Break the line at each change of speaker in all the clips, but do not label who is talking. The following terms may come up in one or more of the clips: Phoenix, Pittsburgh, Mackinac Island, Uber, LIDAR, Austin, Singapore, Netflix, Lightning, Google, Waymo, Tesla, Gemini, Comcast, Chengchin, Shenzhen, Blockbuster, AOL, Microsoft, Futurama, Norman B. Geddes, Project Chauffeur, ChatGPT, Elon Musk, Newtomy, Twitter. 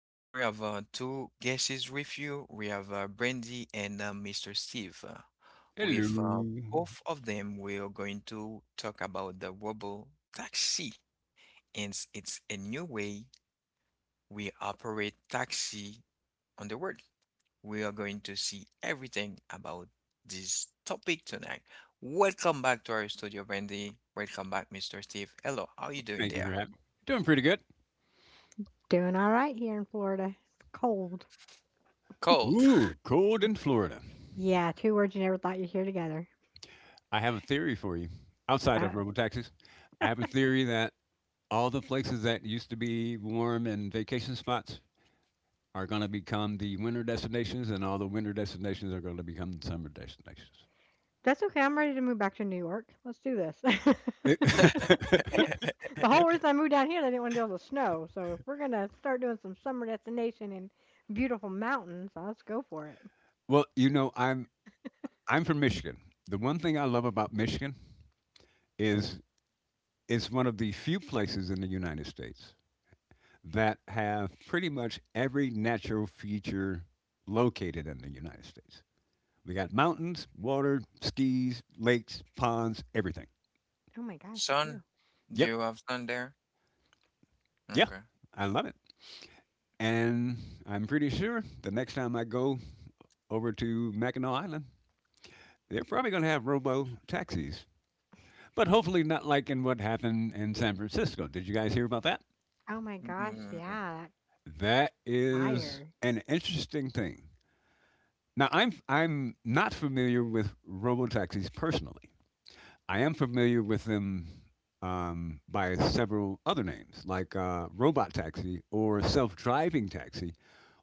Tonight we have two guests with you. We have Brandy and Mr. Steve. With
Hello.
both of them, we are going to talk about the robo taxi, and it's a new way we operate taxi on the world. We are going to see everything about this topic tonight. Welcome back to our studio, Brandy. Welcome back, Mr. Steve. Hello, how are you doing
Thank you for
there?
having. Doing pretty good.
Doing all right here in Florida. It's cold.
Cold.
Ooh, cold in Florida.
Yeah, two words you never thought you'd hear together.
I have a theory for you. Outside
Uh,
of robotaxis, I have a theory that all the places that used to be warm and vacation spots are going to become the winter destinations, and all the winter destinations are going to become the summer destinations.
that's okay. I'm ready to move back to New York. Let's do this. The whole reason I moved down here, I didn't want to deal with the snow. So if we're gonna start doing some summer destination and beautiful mountains, let's go for it.
I'm from Michigan. The one thing I love about Michigan is it's one of the few places in the United States that have pretty much every natural feature located in the United States. We got mountains, water, skis, lakes, ponds, everything.
Oh my gosh, you do.
Sun? Do
Yep.
you have sun there?
Yeah.
Okay.
I love it. And I'm pretty sure the next time I go over to Mackinac Island, they're probably going to have robo taxis. But hopefully, not like in what happened in San Francisco. Did you guys hear about that?
Oh my gosh,
Mm.
yeah, that
That is
fire.
an interesting thing. Now, I'm not familiar with robo taxis personally. I am familiar with them by several other names, like robot taxi or self driving taxi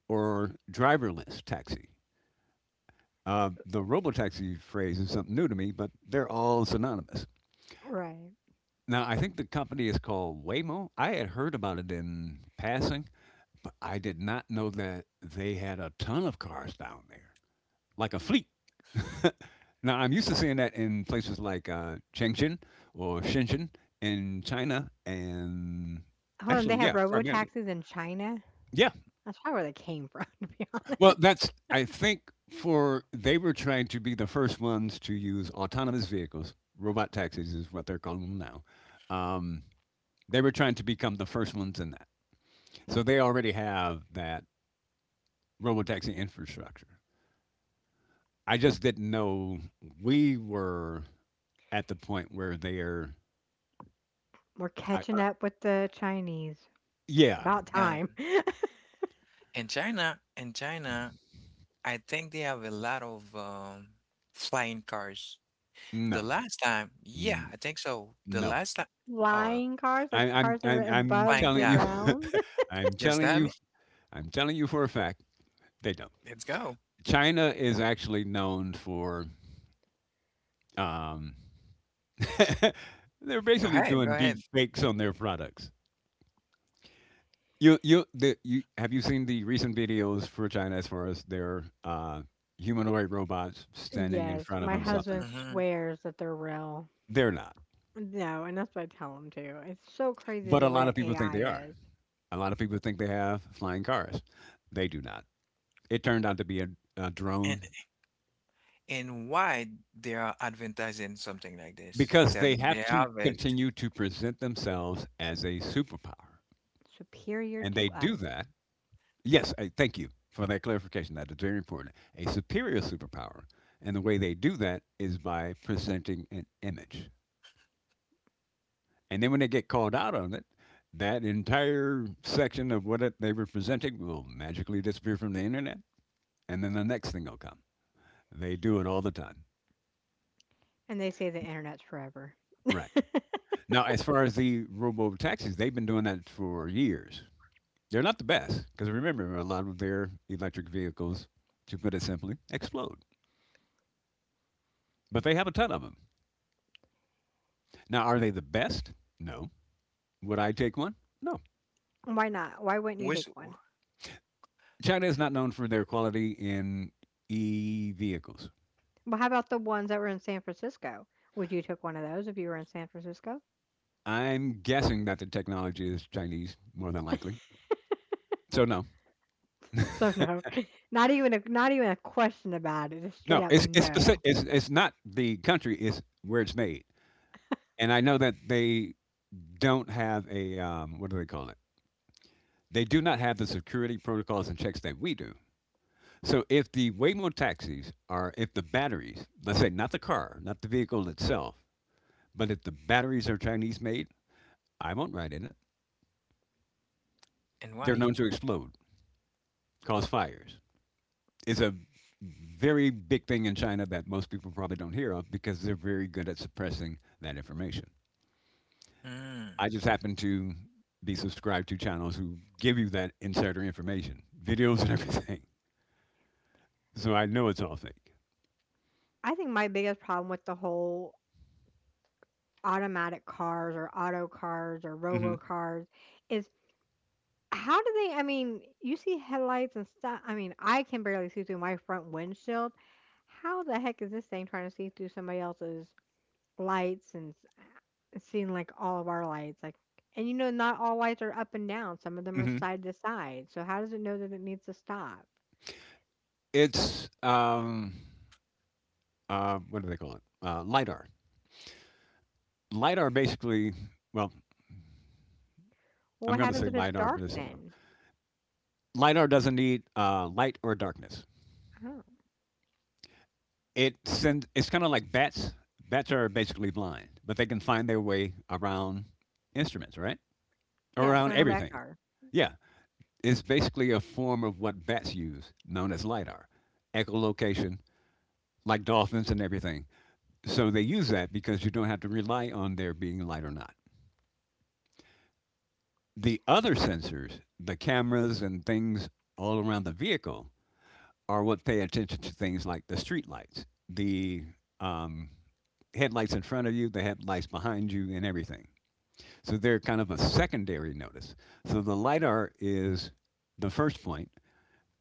or driverless taxi. The robotaxi phrase is something new to me, but they're all synonymous.
Right.
Now, I think the company is called Waymo. I had heard about it in passing, but I did not know that they had a ton of cars down there, like a fleet. Now, I'm used to seeing that in places like Chengchin or Shenzhen in China, and
Oh, and they
actually,
have
yeah,
robo
primarily.
taxis in China.
Yeah.
That's probably where they came from, to be honest.
Well, that's, I think, for they were trying to be the first ones to use autonomous vehicles. Robot taxis is what they're calling them now. Um, they were trying to become the first ones in that. So they already have that robotaxi infrastructure. I just didn't know we were at the point where they're,
We're
I,
catching
uh,
up with the Chinese.
yeah,
About
Yeah.
time.
In China, I think they have a lot of flying cars.
no.
The last time, yeah,
N
I think so. The
No.
last time, oh, well,
Flying cars,
I
like
I'm
cars that are
I'm I'm
above
flying,
the
telling you.
yeah,
ground.
I'm
just
telling
that.
you.
Me.
I'm telling you for a fact, they don't.
Let's go.
China is actually known for, um they're
Go
basically
ahead. Go
doing deep
ahead.
fakes on their products. You have you seen the recent videos for China as far as their, humanoid robots standing in
Yes,
front of
my
'em something?
husband
Hmm.
swears that they're real.
They're not,
No, and that's what I tell him too. It's so crazy
but a
the way
lot of
that
people think they
AI
are.
is
A lot of people think they have flying cars. They do not. It turned out to be a drone
And and why they are advertising something like this,
because they
telling
have
they
to
have it.
continue to present themselves as a superpower.
superior
And they
to
do
us.
that. Yes, thank you for that clarification. That is very important. A superior superpower. And the way they do that is by presenting an image. And then when they get called out on it, that entire section of they were presenting will magically disappear from the internet. And then the next thing will come. They do it all the time.
And they say the internet's forever.
Right. Now, as far as the robo taxis, they've been doing that for years. They're not the best because remember, a lot of their electric vehicles, to put it simply, explode. But they have a ton of them. Now, are they the best? No. Would I take one? No.
Why not? Why wouldn't you
Was
take one?
China is not known for their quality in e vehicles.
Well, how about the ones that were in San Francisco? Would you took one of those if you were in San Francisco?
I'm guessing that the technology is Chinese more than likely. So no,
So no, not even a question about it. Just straight
no,
up
it's specific,
no.
it's not the country. It's where it's made. And I know that they don't have a what do they call it? They do not have the security protocols and checks that we do. So if the Waymo taxis are, if the batteries, let's say not the car, not the vehicle itself, but if the batteries are Chinese made, I won't ride in it.
and
They're
why?
known to explode, cause fires. It's a very big thing in China that most people probably don't hear of because they're very good at suppressing that information. I
Mm.
just happen to be subscribed to channels who give you that insider information, videos and everything. So I know it's all fake.
I think my biggest problem with the whole automatic cars or auto cars or robo
hmm
cars is how do they? I mean, you see headlights and stuff. I mean, I can barely see through my front windshield. How the heck is this thing trying to see through somebody else's lights and seeing like all of our lights? Like, and you know, not all lights are up and down. Some of them are
hmm
side to side. So how does it know that it needs to stop?
It's what do they call it? Lidar. Lidar basically, well,
Well,
I'm
what
going to
happens
say
if it's
lidar
dark
but it's no,
then?
lidar doesn't need light or darkness.
Oh,
It sends, it's kind of like bats. Bats are basically blind but they can find their way around instruments, right? Or
yeah,
around
so no back.
everything. Yeah, it's basically a form of what bats use known as lidar, echolocation, like dolphins and everything. So they use that because you don't have to rely on there being light or not. The other sensors, the cameras and things all around the vehicle are what pay attention to things like the street lights, the um, headlights in front of you, the headlights behind you, and everything. So they're kind of a secondary notice. So the lidar is the first point,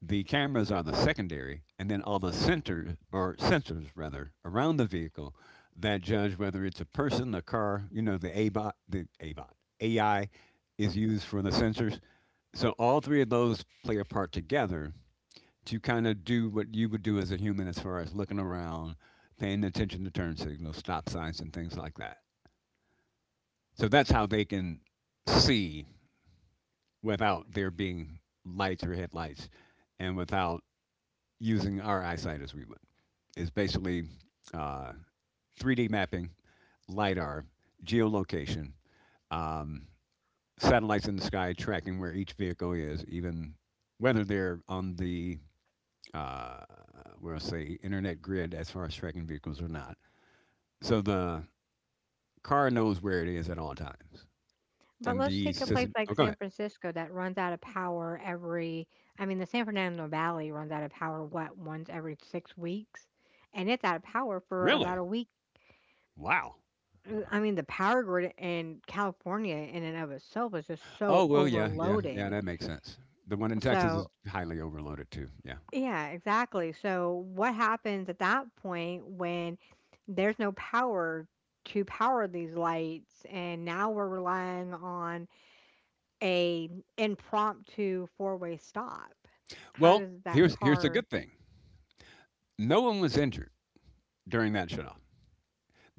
the cameras are the secondary, and then all the sensors or sensors rather, around the vehicle that judge whether it's a person, a car, you know, the ABOT, the ABOT, AI is used for the sensors. So all three of those play a part together to kind of do what you would do as a human as far as looking around, paying attention to turn signals, stop signs, and things like that. So that's how they can see without there being lights or headlights and without using our eyesight as we would. It's basically uh, 3D mapping, lidar, geolocation, um, satellites in the sky tracking where each vehicle is, even whether they're on the uh, we'll say internet grid as far as tracking vehicles or not, so the car knows where it is at all times,
But
and
let's
the
take a place
system.
like
Oh, go
San
ahead.
Francisco that runs out of power every, I mean, the San Fernando Valley runs out of power, what, once every 6 weeks? And it's out of power for about
Really?
a week.
Wow.
I mean, the power grid in California in and of itself is just
Oh
so
well, yeah.
overloaded.
That makes sense. The one in Texas is
So,
highly overloaded too. Yeah.
yeah, exactly. So, what happens at that point when there's no power to power these lights? And now we're relying on a impromptu four-way stop. How
Well,
does that
here's the
car
good thing. No one was injured during that shutoff.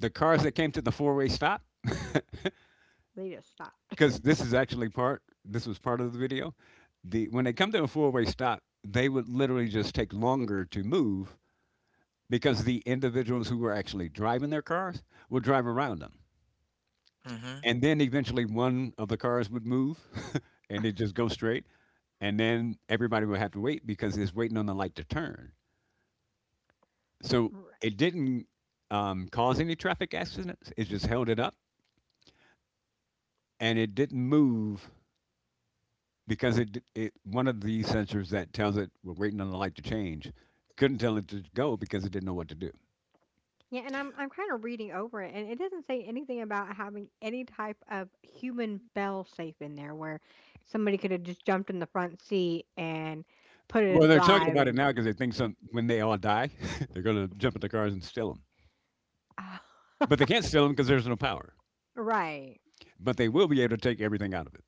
The cars that came to the four-way stop,
lead a stop?
because this is actually part. This was part of the video. The when they come to a four-way stop, they would literally just take longer to move because the individuals who were actually driving their cars would drive around them.
Mm-hmm.
And then eventually one of the cars would move and it just go straight. And then everybody would have to wait because it's waiting on the light to turn. So
Right.
it didn't cause any traffic accidents. It just held it up and it didn't move because it one of the sensors that tells it we're waiting on the light to change couldn't tell it to go because it didn't know what to do.
Yeah, and I'm kind of reading over it, and it doesn't say anything about having any type of human bell safe in there, where somebody could have just jumped in the front seat and put it in
Well, they're talking
drive
about it
and
now because they think some when they all die, they're going to jump in the cars and steal them. But they can't steal them because there's no power.
right.
But they will be able to take everything out of it.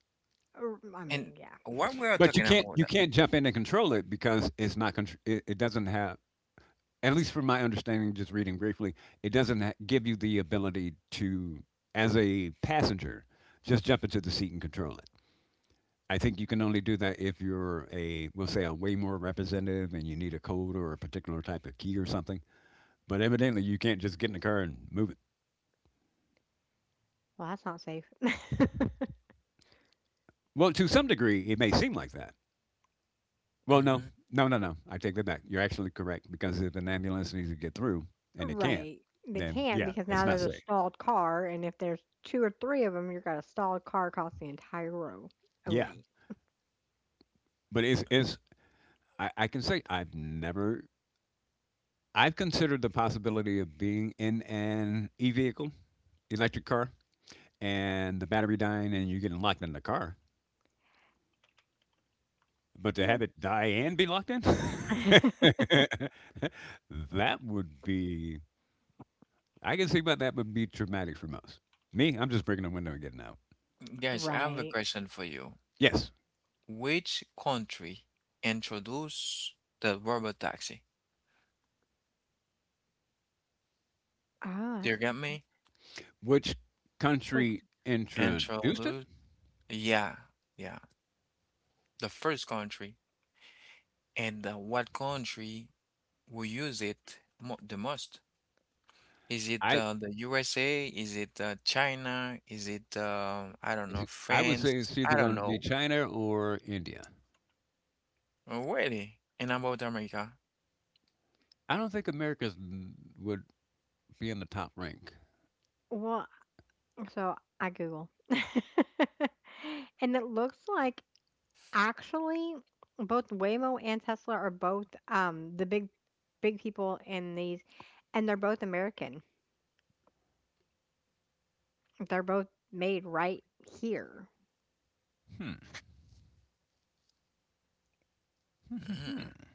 I
And
mean, yeah.
what we are
But you
talking
can't you
about?
can't jump in and control it because it's not contr-, it doesn't have, at least from my understanding just reading briefly, it doesn't give you the ability to, as a passenger, just jump into the seat and control it. I think you can only do that if you're a, we'll say, a way more representative and you need a code or a particular type of key or something. But evidently you can't just get in the car and move it.
Well, that's not safe.
Well, to some degree it may seem like that. Well,
Mhm.
no. I take that back. You're actually correct because if an ambulance needs to get through and it can't,
Right. They
then
can't
yeah,
because
it's
now
not
there's a
safe.
stalled car, and if there's two or three of them, you've got a stalled car across the entire row of
Yeah,
lane.
but I can say I've never. I've considered the possibility of being in an e vehicle, electric car, and the battery dying, and you getting locked in the car. But to
Yep.
have it die and be locked in, that would be. I can see why that would be traumatic for most. Me, I'm just breaking the window and getting out.
Guys, I have a
Right.
question for you.
Yes.
Which country introduced the rubber taxi?
Oh,
Do
that's
you
a good
get
question.
me?
Which
Which,
country introduced it?
Introduce, yeah, yeah. The first country. And what country will use it mo the most? Is it
I
the USA? Is it China? Is it, I don't know,
I would say
France?
it's either
I
going
don't
to be
know.
China or India.
Really? And about America?
I don't think America would be in the top rank.
well, so I Google, and it looks like actually both Waymo and Tesla are both the big people in these, and they're both American. They're both made right here.
Hmm.
Mm,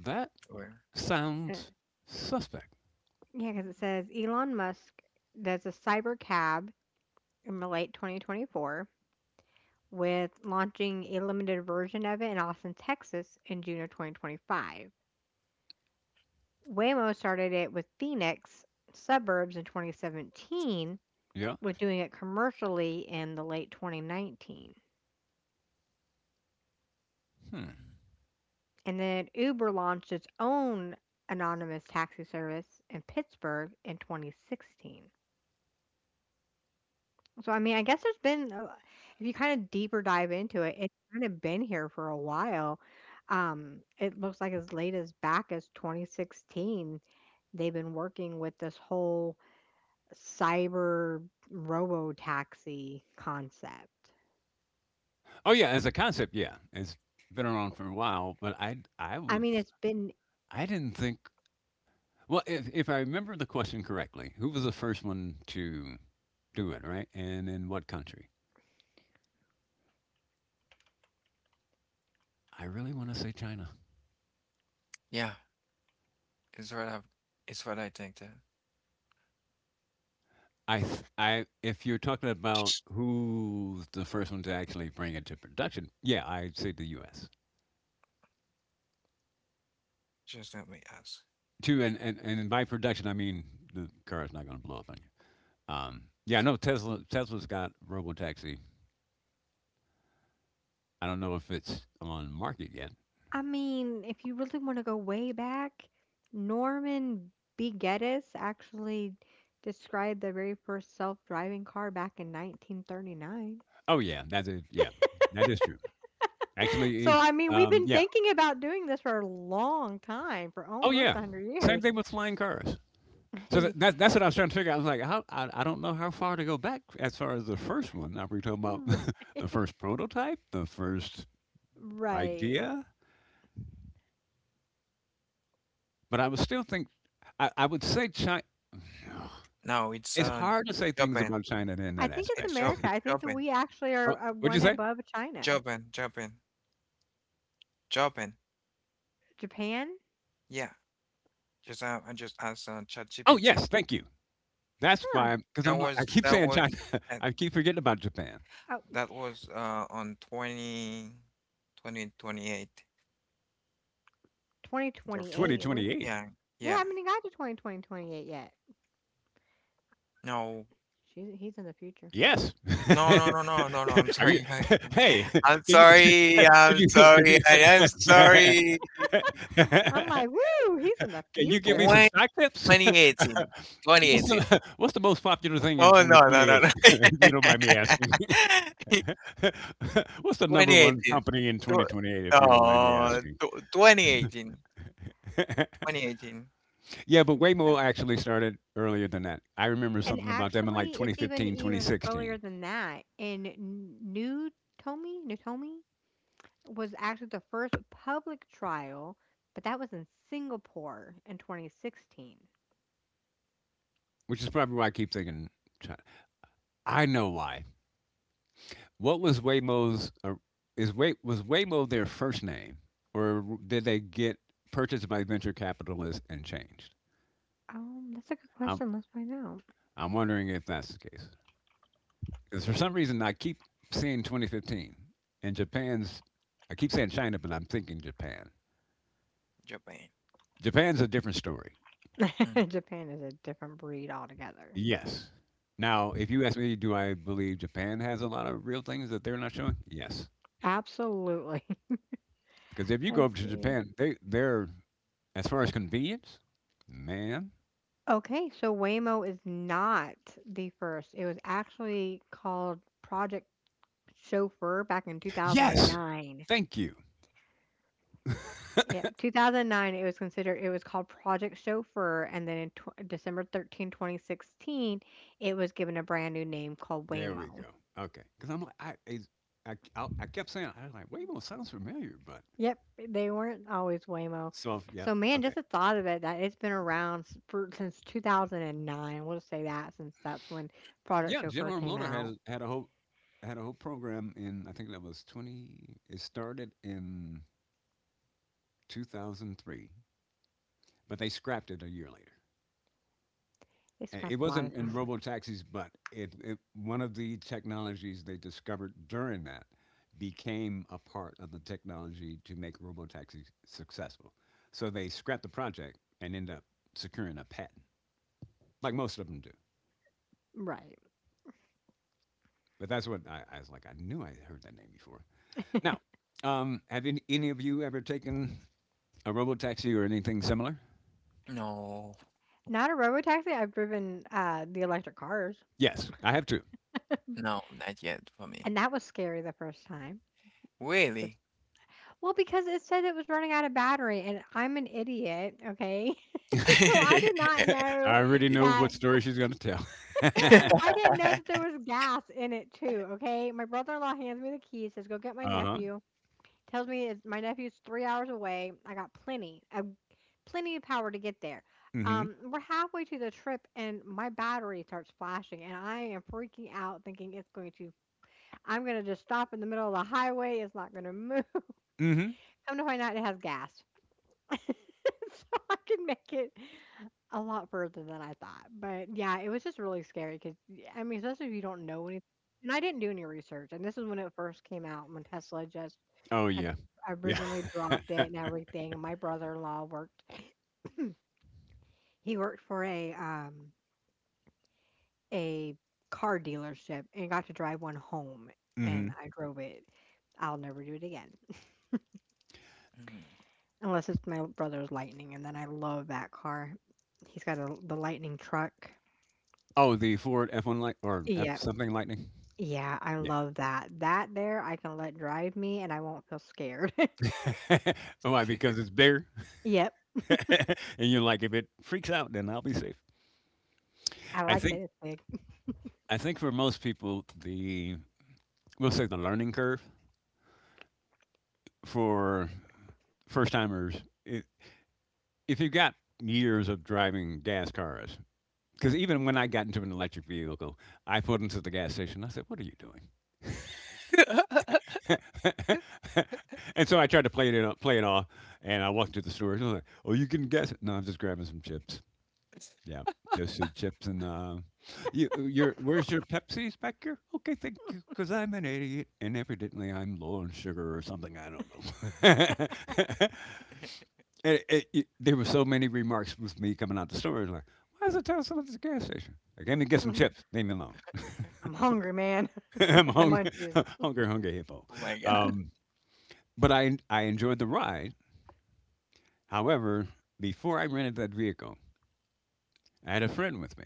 That
where?
sounds suspect.
Yeah, because it says Elon Musk does a cyber cab in the late 2024 with launching a limited version of it in Austin, Texas in June of 2025. Waymo started it with Phoenix suburbs in 2017
Yeah.
with doing it commercially in the late 2019.
Hmm.
And then Uber launched its own anonymous taxi service in Pittsburgh in 2016. So, I mean, I guess there's been, if you kind of deeper dive into it, it's kind of been here for a while. It looks like as late as back as 2016, they've been working with this whole cyber robo taxi concept.
Oh yeah, as a concept, yeah, it's been around for a while, but I
I mean,
was.
it's been,
I didn't think. Well, if I remember the question correctly, who was the first one to do it, right? And in what country? I really want to say China.
Yeah, it's what I, it's what I think too.
If you're talking about who's the first one to actually bring it to production, yeah, I'd say the U.S.
Just let me ask.
too. And by production, I mean the car is not going to blow up on you. Um, yeah, I know Tesla. Tesla's got Robotaxi. I don't know if it's on market yet.
I mean, if you really want to go way back, Norman B. Geddes actually described the very first self driving car back in 1939.
Oh yeah, that is, yeah, that is true. Actually,
So,
is
I mean, we've been
yeah.
thinking about doing this for a long time, for
Oh
almost
yeah,
100
same
years.
thing with flying cars. So that, that's that's what I was trying to figure out. I was like, how, I don't know how far to go back as far as the first one. Now we're talking
Yeah,
about the first prototype, the first
Right.
idea, but I would still think I would say China.
No, it's
It's hard to say things
Japan.
about China in
I
that
think it's
aspect.
It's Jap
America. I think that
Japan.
we actually are,
Oh,
are
what'd you
one
say?
above China.
Japan. Japan. Japan.
Japan?
Yeah. Just I just asked on
Oh
ChatGPT.
yes, thank you. That's
Huh.
why because
That
I'm like I
was
keep
that
saying
was
China.
uh,
I keep forgetting about Japan.
Oh,
that was on twenty eight. The fir-
2028. We,
2028.
yeah,
we
yeah,
haven't even got to 2020, 28 yet.
no,
She's, he's in the future.
Yes.
no, no, no, no, no, no. I'm
Are you?
sorry.
Hey,
I'm
can you?
sorry.
Could
I'm
you? Could
sorry.
you?
I am sorry.
I'm
Can
like, woo, he's in the
you give me
future.
some
Twenty
stock tips?
twenty
What's
2018.
what's the most popular thing in
Oh, no, no, no,
2028?
no.
If you don't mind me asking. What's the number one
2018.
company in
Tw
2028, if you don't mind me
no,
asking?
tw 2018. 2018,
Yeah, but
Okay.
uh,
Waymo actually started earlier than that. I remember
And
something about them in like
actually, it's even
2015,
even earlier
2016,
than that. In Newtomy, was actually the first public trial, but that was in Singapore in 2016.
which is probably why I keep thinking China. I know why. What was Waymo's, is Way, was Waymo their first name, or did they get purchased by venture capitalists and changed?
That's a good question. Let's find
I'm wondering if that's the case. Because for some reason, I keep seeing 2015 and Japan's. I keep saying China, but I'm thinking Japan.
Japan.
Japan's a different story.
Mm.
out. Japan is a different breed altogether.
Yes. Now, if you ask me, do I believe Japan has a lot of real things that they're not showing? Yes.
Absolutely.
Because if you go
Let's
over to
see.
Japan, they're, as far as convenience, man.
Okay, so Waymo is not the first. It was actually called Project Chauffeur back in
Yes.
2009.
Thank you.
Yeah, 2009, it was considered it was called Project Chauffeur, and then in tw December 13, 2016, it was given a brand new name called
There we
Waymo.
go. Okay. Because I'm like, I kept saying, I was like, Waymo sounds familiar, but
Yep, they weren't always Waymo.
so, yeah.
So man,
Okay.
just the thought of it that it's been around for, since 2009. We'll just say that since that's when Project
Yeah,
Chauffeur
General
came
Motor
out.
had a whole had a whole program in I think that was 20. It started in 2003, but they scrapped it a year later.
They scrap
It
a lot
wasn't
of
in
things.
robo taxis, but it one of the technologies they discovered during that became a part of the technology to make robo taxis successful. So they scrapped the project and ended up securing a patent, like most of them do.
Right.
But that's what I was like. I knew I heard that name before. Now, have any of you ever taken a robo taxi or anything similar?
No,
Not a robotaxi. I've driven the electric cars,
Yes, I have too.
no, not yet for me.
and that was scary the first time.
Really?
Well, because it said it was running out of battery, and I'm an idiot, okay? So I did not know
I already know
that,
what story she's going to tell. Uh-huh.
I didn't know that there was gas in it too, okay? My brother-in-law hands me the key, says, "Go get my nephew." Tells me it's, my nephew's 3 hours away. I got plenty of power to get there.
Mm-hmm.
We're halfway to the trip and my battery starts flashing and I am freaking out thinking it's going to I'm going to just stop in the middle of the highway. It's not going to move.
Mm-hmm.
Come to find out it has gas. So I can make it a lot further than I thought. But yeah, it was just really scary because, I mean, especially if you don't know anything. And I didn't do any research. And this is when it first came out, when Tesla just
Oh,
had
yeah. Yeah.
originally dropped it and everything. And my brother in law worked, he worked for a car dealership and got to drive one home.
Mm-hmm.
And I drove it. I'll never do it again
Mhm.
unless it's my brother's Lightning. And then I love that car. He's got the Lightning truck.
Oh, the Ford F1 light or F
Yeah,
something lightning?
Yeah, I
Yeah.
love that. That there, I can let drive me and I won't feel scared.
Why? Because it's bigger.
Yep,
And you're like, if it freaks out, then I'll be safe.
I
I
like
think
that thing.
I think for most people, the we'll say the learning curve for first timers if you've got years of driving gas cars, because even when I got into an electric vehicle, I put into the gas station. I said, "What are you doing?" And so I tried to play it off, and I walked to the store. And I was like, "Oh, you can guess it." No, I'm just grabbing some chips. Yeah, just some chips and you, your where's your Pepsi's back here? Okay, thank you, because I'm an idiot and evidently I'm low on sugar or something. I don't know. And there were so many remarks with me coming out the store. Like, why is it telling someone at the gas station? I came to get some chips. Leave me alone.
I'm hungry, man.
I'm
Got the
hungry,
munchies.
hungry, hungry hippo.
Oh my God.
Um, but I enjoyed the ride. However, before I rented that vehicle, I had a friend with me.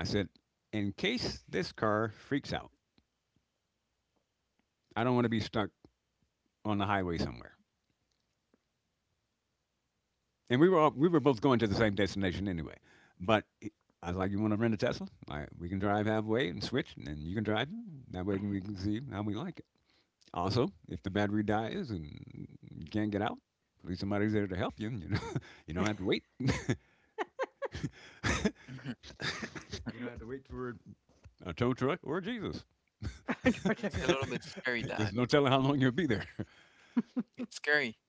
I said, in case this car freaks out, I don't want to be stuck on the highway somewhere. And we were both going to the same destination anyway. But he- I was like, "You want to rent a Tesla? I, we can drive halfway and switch, and then you can drive. It. That way we can see how we like it. Also, if the battery dies and you can't get out, at least somebody's there to help you. And you know, you don't have to wait.
Mhm.
You don't have to wait for a tow truck or Jesus.
Torture
It's a little bit
tortillas.
scary
There's
that.
no telling how long you'll be there.
It's scary.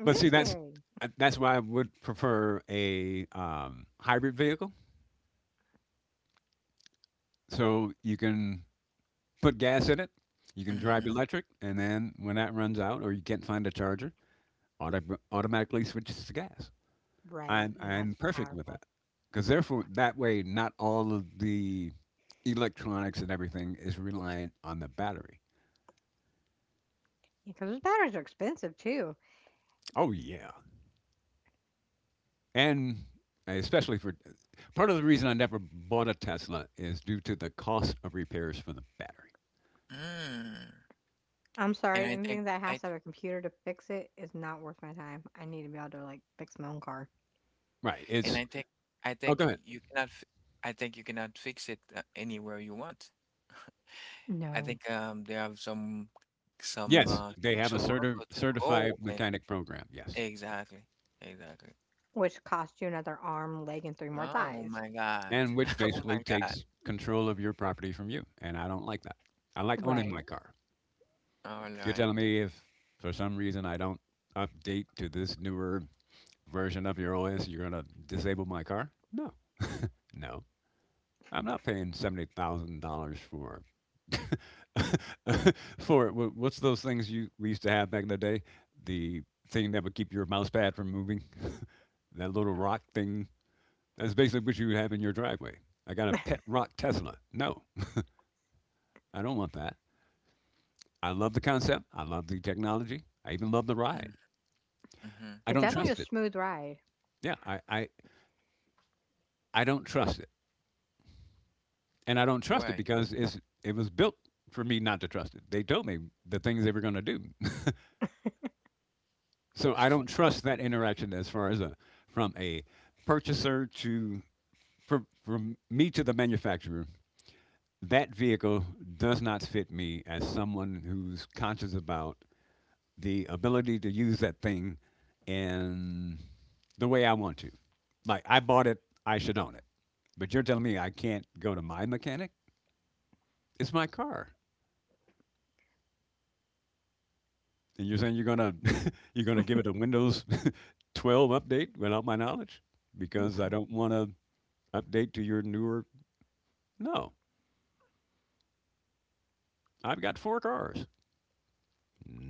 It
But
is
see,
scary.
that's why I would prefer a hybrid vehicle, so you can put gas in it. You can drive
Mhm.
electric, and then when that runs out or you can't find a charger, automatically switches to gas.
Right,
I'm
and
I'm
that's
perfect with
powerful.
that because therefore that way not all of the electronics and everything is reliant on the battery.
Because those batteries are expensive too.
Oh yeah, and especially for part of the reason I never bought a Tesla is due to the cost of repairs for the battery.
I'm
And
sorry,
I think
anything that
I th
has to have a computer to fix it is not worth my time. I need to be able to like fix my own car.
Right.
and
It's
I
oh, go
think
ahead.
you cannot f I think you cannot fix it anywhere you want. I
No.
think they have some
Yes, they have a
special logo to go
certified
and
mechanic program. Yes.
exactly. Exactly.
Which costs you another arm, leg, and three more
Oh
thighs.
my God.
And which
Oh
basically
my God.
takes control of your property from you. And I don't like that. I like owning
Right.
my car.
All
You're
right.
telling me if for some reason I don't update to this newer version of your OS, you're going to disable my car? No, no. I'm not paying $70,000 for for what's those things you we used to have back in the day? The thing that would keep your mouse pad from moving, that little rock thing. That's basically what you have in your driveway. I got a pet rock Tesla. No, I don't want that. I love the concept. I love the technology. I even love the
Mm.
ride.
Mm-hmm.
I
It's
don't
definitely a
trust it.
smooth ride.
Yeah, I don't trust it. And I don't
Right.
trust it because it was built for me not to trust it. They told me the things they were going to do. So I don't trust that interaction as far as a, from a purchaser to, from me to the manufacturer. That vehicle does not fit me as someone who's conscious about the ability to use that thing in the way I want to. Like I bought it, I should own it. But you're telling me I can't go to my mechanic? It's my car. And you're saying you're gonna you're gonna give it a Windows 12 update without my knowledge because I don't want to update to your newer. No, I've got four cars.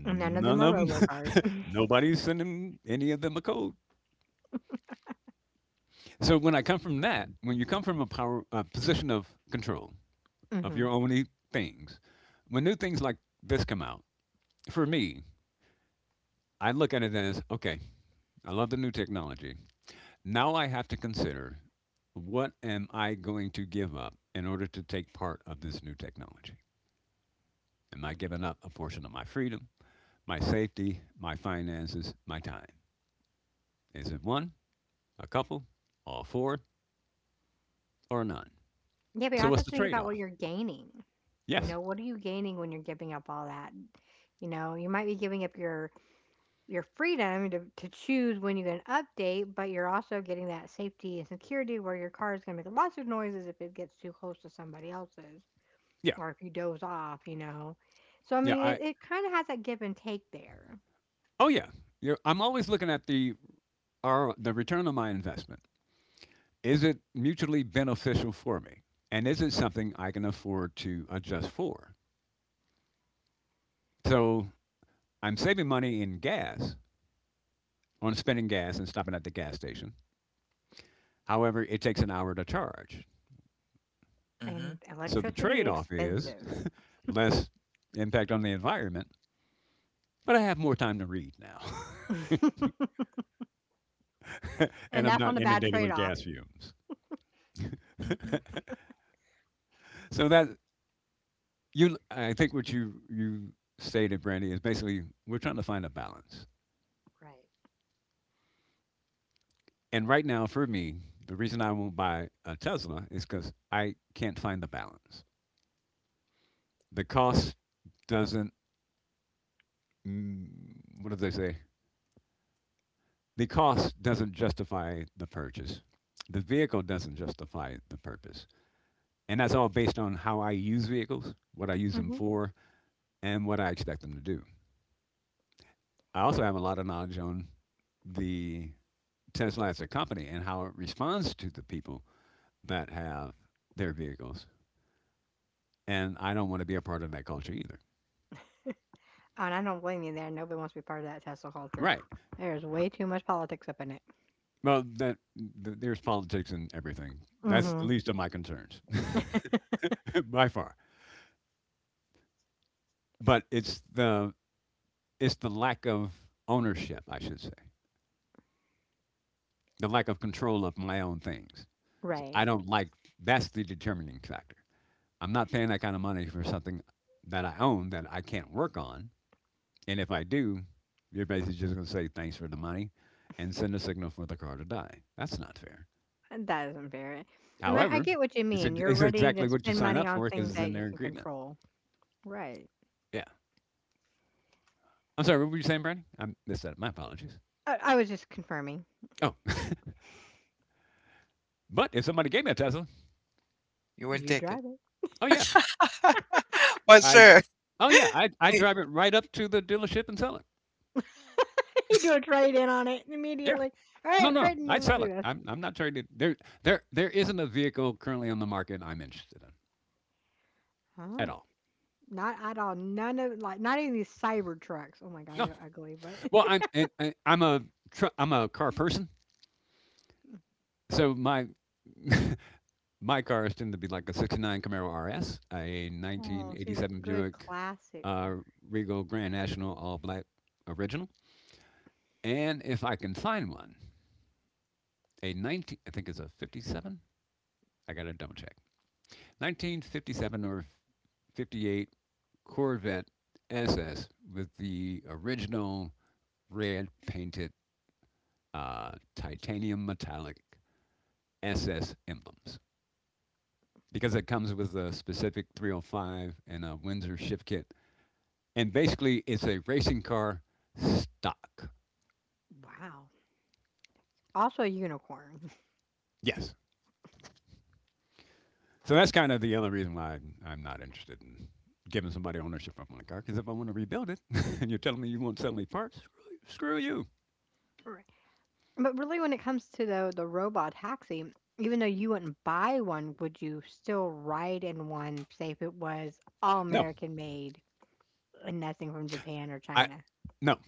And none of them
None
are
of
robo
them.
cars.
Nobody's sending any of them a code. So when I come from that, when you come from a power a position of control, of
Hmm.
your only things. When new things like this come out, for me, I look at it as okay, I love the new technology. Now I have to consider what am I going to give up in order to take part of this new technology? Am I giving up a portion of my freedom, my safety, my finances, my time? Is it one, a couple, all four, or none?
Yeah, but you
So what's
also
the
think about
trade-off?
what you're gaining. You
Yes.
know, what are you gaining when you're giving up all that? You know, you might be giving up your freedom to choose when you get an update, but you're also getting that safety and security where your car is going to make lots of noises if it gets too close to somebody else's
Yeah.
or if you doze off, you know. So, I
Yeah.
mean,
I.
it kind of has that give and take there.
Oh yeah. I'm always looking at the return on my investment. Is it mutually beneficial for me? And is it something I can afford to adjust for? So I'm saving money in gas on spending gas and stopping at the gas station. However, it takes an hour to charge.
Mm-hmm.
And
So the
electricity
trade off is
expensive.
less impact on the environment, but I have more time to read now. And
And
I'm
that's
not
on a bad
inundated with
trade-off.
gas fumes.
Mm-hmm.
So that you I think what you stated, Brandy, is basically we're trying to find a balance. And right now, for me, the reason I won't buy a Tesla is because I can't find the balance. The cost doesn't, mm, what do they say? The cost doesn't justify the purchase. The vehicle doesn't justify the purpose. And that's all based on how I use vehicles, what I use them
Right.
for, and what I expect them to do. I also have a lot of knowledge on the Tesla as a company and how it responds to the people that have their vehicles. And I don't want to be a part of that culture either.
Oh, and I don't blame you there. Nobody wants to be part of that Tesla culture.
Right.
There's way too much politics up in it.
Well, that th there's politics in everything.
Mm
That's the
hmm
least of my concerns, by far. But it's the lack of ownership, I should say, the lack of control of my own things. So I
Right.
don't like that's the determining factor. I'm not paying that kind of money for something that I own that I can't work on. And if I do, you're basically just going to say thanks for the money and send a signal for the car to die. That's not fair.
That isn't fair. And I
However,
get what you mean. You're
it's
ready to
exactly what you
spend
sign
money
up
on
for because
things
it's
that
in
you
their
can
agreement.
control. Right.
Yeah. I'm sorry, what were you saying, Brandy? I missed that. My apologies.
I was just confirming.
Oh, but if somebody gave me a Tesla,
You will
You
take it.
drive it.
oh yeah,
For
I
sure.
oh yeah, I I drive it right up to the dealership and sell it.
You do a trade in on it
Yeah,
immediately. All right,
no,
we're
no,
trading in.
I'd
Let's
sell
do
it.
this.
I'm not trying to. There isn't a vehicle currently on the market I'm interested in at
Huh?
all.
Not at all. None of like not even these cyber trucks. Oh my God,
No,
they're ugly. But
well I'm and I'm a I'm a car person, so my my cars tend to be like a '69 Camaro RS, a
oh, see the
1987
good
Buick
classic
uh,
car.
Regal Grand National All Black Original, and if I can find one, a 19, I think it's a 57. I got to double check. 1957 or 58 Corvette SS with the original red painted titanium metallic SS emblems because it comes with a specific 305 and a Windsor shift kit. And basically, it's a racing car stock.
Wow. Also a unicorn.
Yes. So that's kind of the other reason why I'm not interested in giving somebody ownership of my car. Because if I want to rebuild it, and you're telling me you won't sell me parts, screw you. Screw you.
But really when it comes to the robot taxi, even though you wouldn't buy one, would you still ride in one, say if it was all
No,
American made and nothing from Japan or
I
China?
no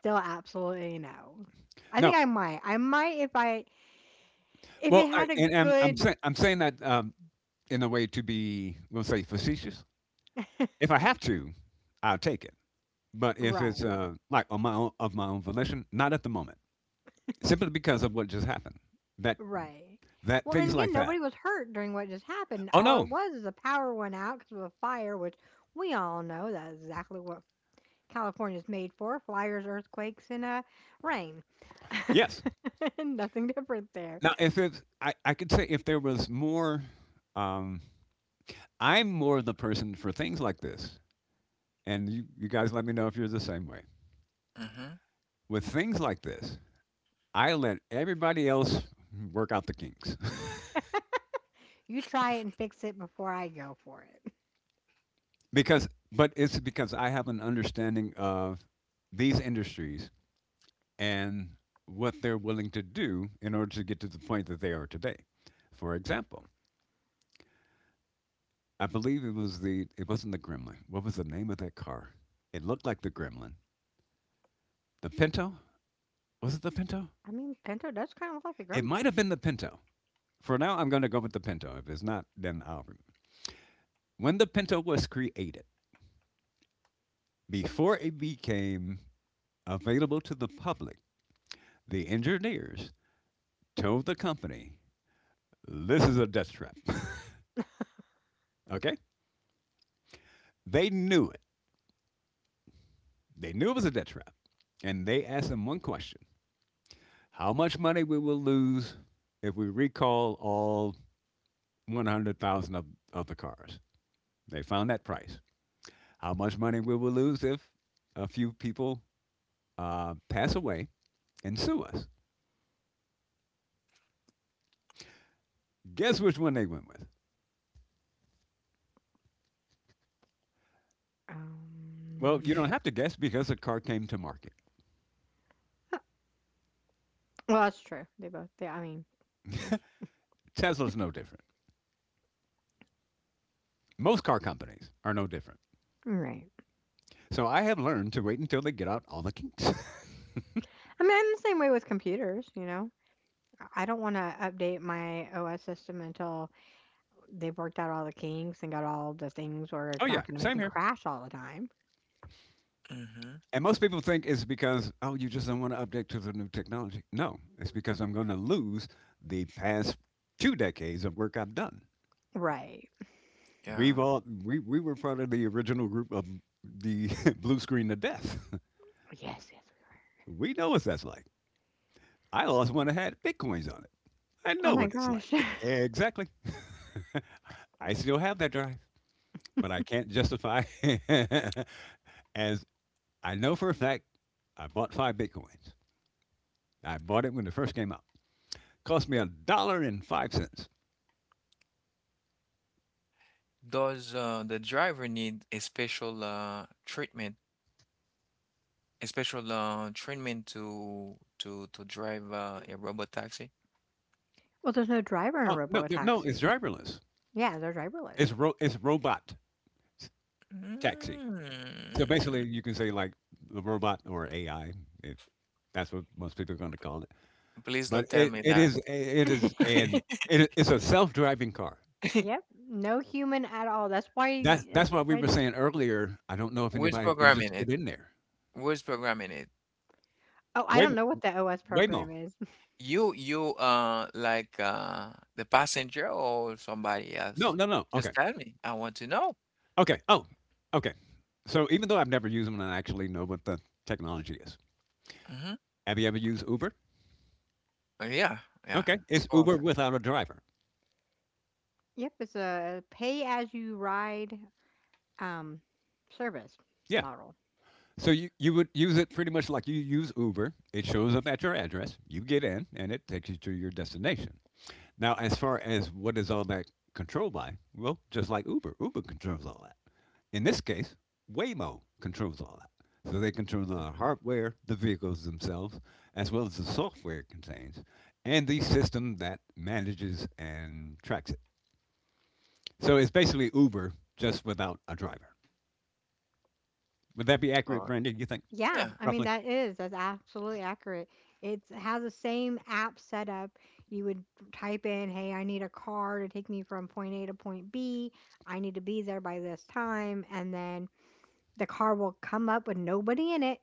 Still absolutely no. I think
no.
I might. I might if it
Well, I
had a
and I'm
good
saying I'm saying that in a way to be, we'll say, facetious. If I have to, I'll take it. But if it's
right.
like on my own, of my own volition, not at the moment, simply because of what just happened. That
Right.
that
Well, and
things
again,
like
nobody
that.
was hurt during what just happened.
Oh
All it
no,
was is the power went out because of a fire, which we all know that's exactly what California's made for flyers, earthquakes, and rain.
yes.
Nothing different there.
Now if it's I could say if there was more. Um, I'm more the person for things like this, and you guys let me know if you're the same way.
Mm-hmm.
With things like this, I let everybody else work out the kinks
You try it and fix it before I go for it.
but it's because I have an understanding of these industries and what they're willing to do in order to get to the point that they are today. For example, I believe it was the it wasn't the Gremlin. What was the name of that car? It looked like the Gremlin. The Pinto? Was it the Pinto?
I mean, Pinto does kind of look like a
It
Grim.
might have been the Pinto. For now, I'm going to go with the Pinto. If it's not, then I'll remember. When the Pinto was created, before it became available to the public, the engineers told the company, this is a death trap. Okay? They knew it. They knew it was a death trap. And they asked them one question: how much money we will lose if we recall all 100,000 of the cars? They found that price. How much money we will lose if a few people pass away and sue us? Guess which one they went with? Well, you
Um,
don't have to guess because the car came to market.
well, that's true. They both. They, I mean, yeah.
Tesla's no different. Most car companies are no different.
Right.
So I have learned to wait until they get out all the kinks.
I mean, I'm the same way with computers. I don't want to update my OS system until they've worked out all the kinks and got all the things where
Oh,
it's
yeah,
not going to make
same
it
here.
crash all the time.
Mm-hmm.
And most people think it's because, oh, you just don't want to update to the new technology. No, it's because I'm going to lose the past two decades of work I've done.
Right.
Yeah.
We were part of the original group of the blue screen of death.
Yes. Yes.
We know what that's like. I lost one that had bitcoins on it. I
Oh
know
my
what it's like.
gosh.
Exactly. I still have that drive, but I can't justify, as I know for a fact I bought 5 bitcoins. I bought it when it first came out. Cost me a dollar and 5 cents.
Does the driver need a special treatment, a special treatment to drive a robot taxi?
Well, there's no driver in a
Oh no,
robo
no, it's
taxi.
driverless.
Yeah, they're driverless.
It's robot s- taxi. So basically,
Mm,
you can say like the robot or AI, if that's what most people are going to call it.
please
But
don't tell me that.
it is an it's a self driving car.
Yep, no human at all. That's
That's
why
that's
that's
why we
why
were saying earlier. I don't know if
Who's
anybody can just
programming it?
get in there.
Who's programming it?
Oh, I
Waymo,
don't know what the OS
Waymo.
program is.
You like the passenger or somebody
No,
else?
no, no. Okay.
Just tell me. I want to know.
Okay. Oh, okay. So even though I've never used them and I actually know what the technology is,
Mm-hmm.
have you ever used Uber?
Yeah, yeah.
Okay.
So
It's Uber
often.
without a driver.
Yep, it's a pay as you ride, um, service
Yeah.
model.
So you would use it pretty much like you use Uber. It shows up at your address, you get in, and it takes you to your destination. Now, as far as what is all that controlled by, well, just like Uber, Uber controls all that. In this case, Waymo controls all that. So they control the
Mm-hmm.
hardware, the vehicles themselves, as well as the software it contains, and the system that manages and tracks it. So it's basically Uber just without a driver. Would that be accurate,
Or
Brandon? You think
Yeah,
yeah.
I mean,
roughly?
that's absolutely accurate. It has the same app setup. You would type in, "Hey, I need a car to take me from point A to point B. I need to be there by this time," and then the car will come up with nobody in it,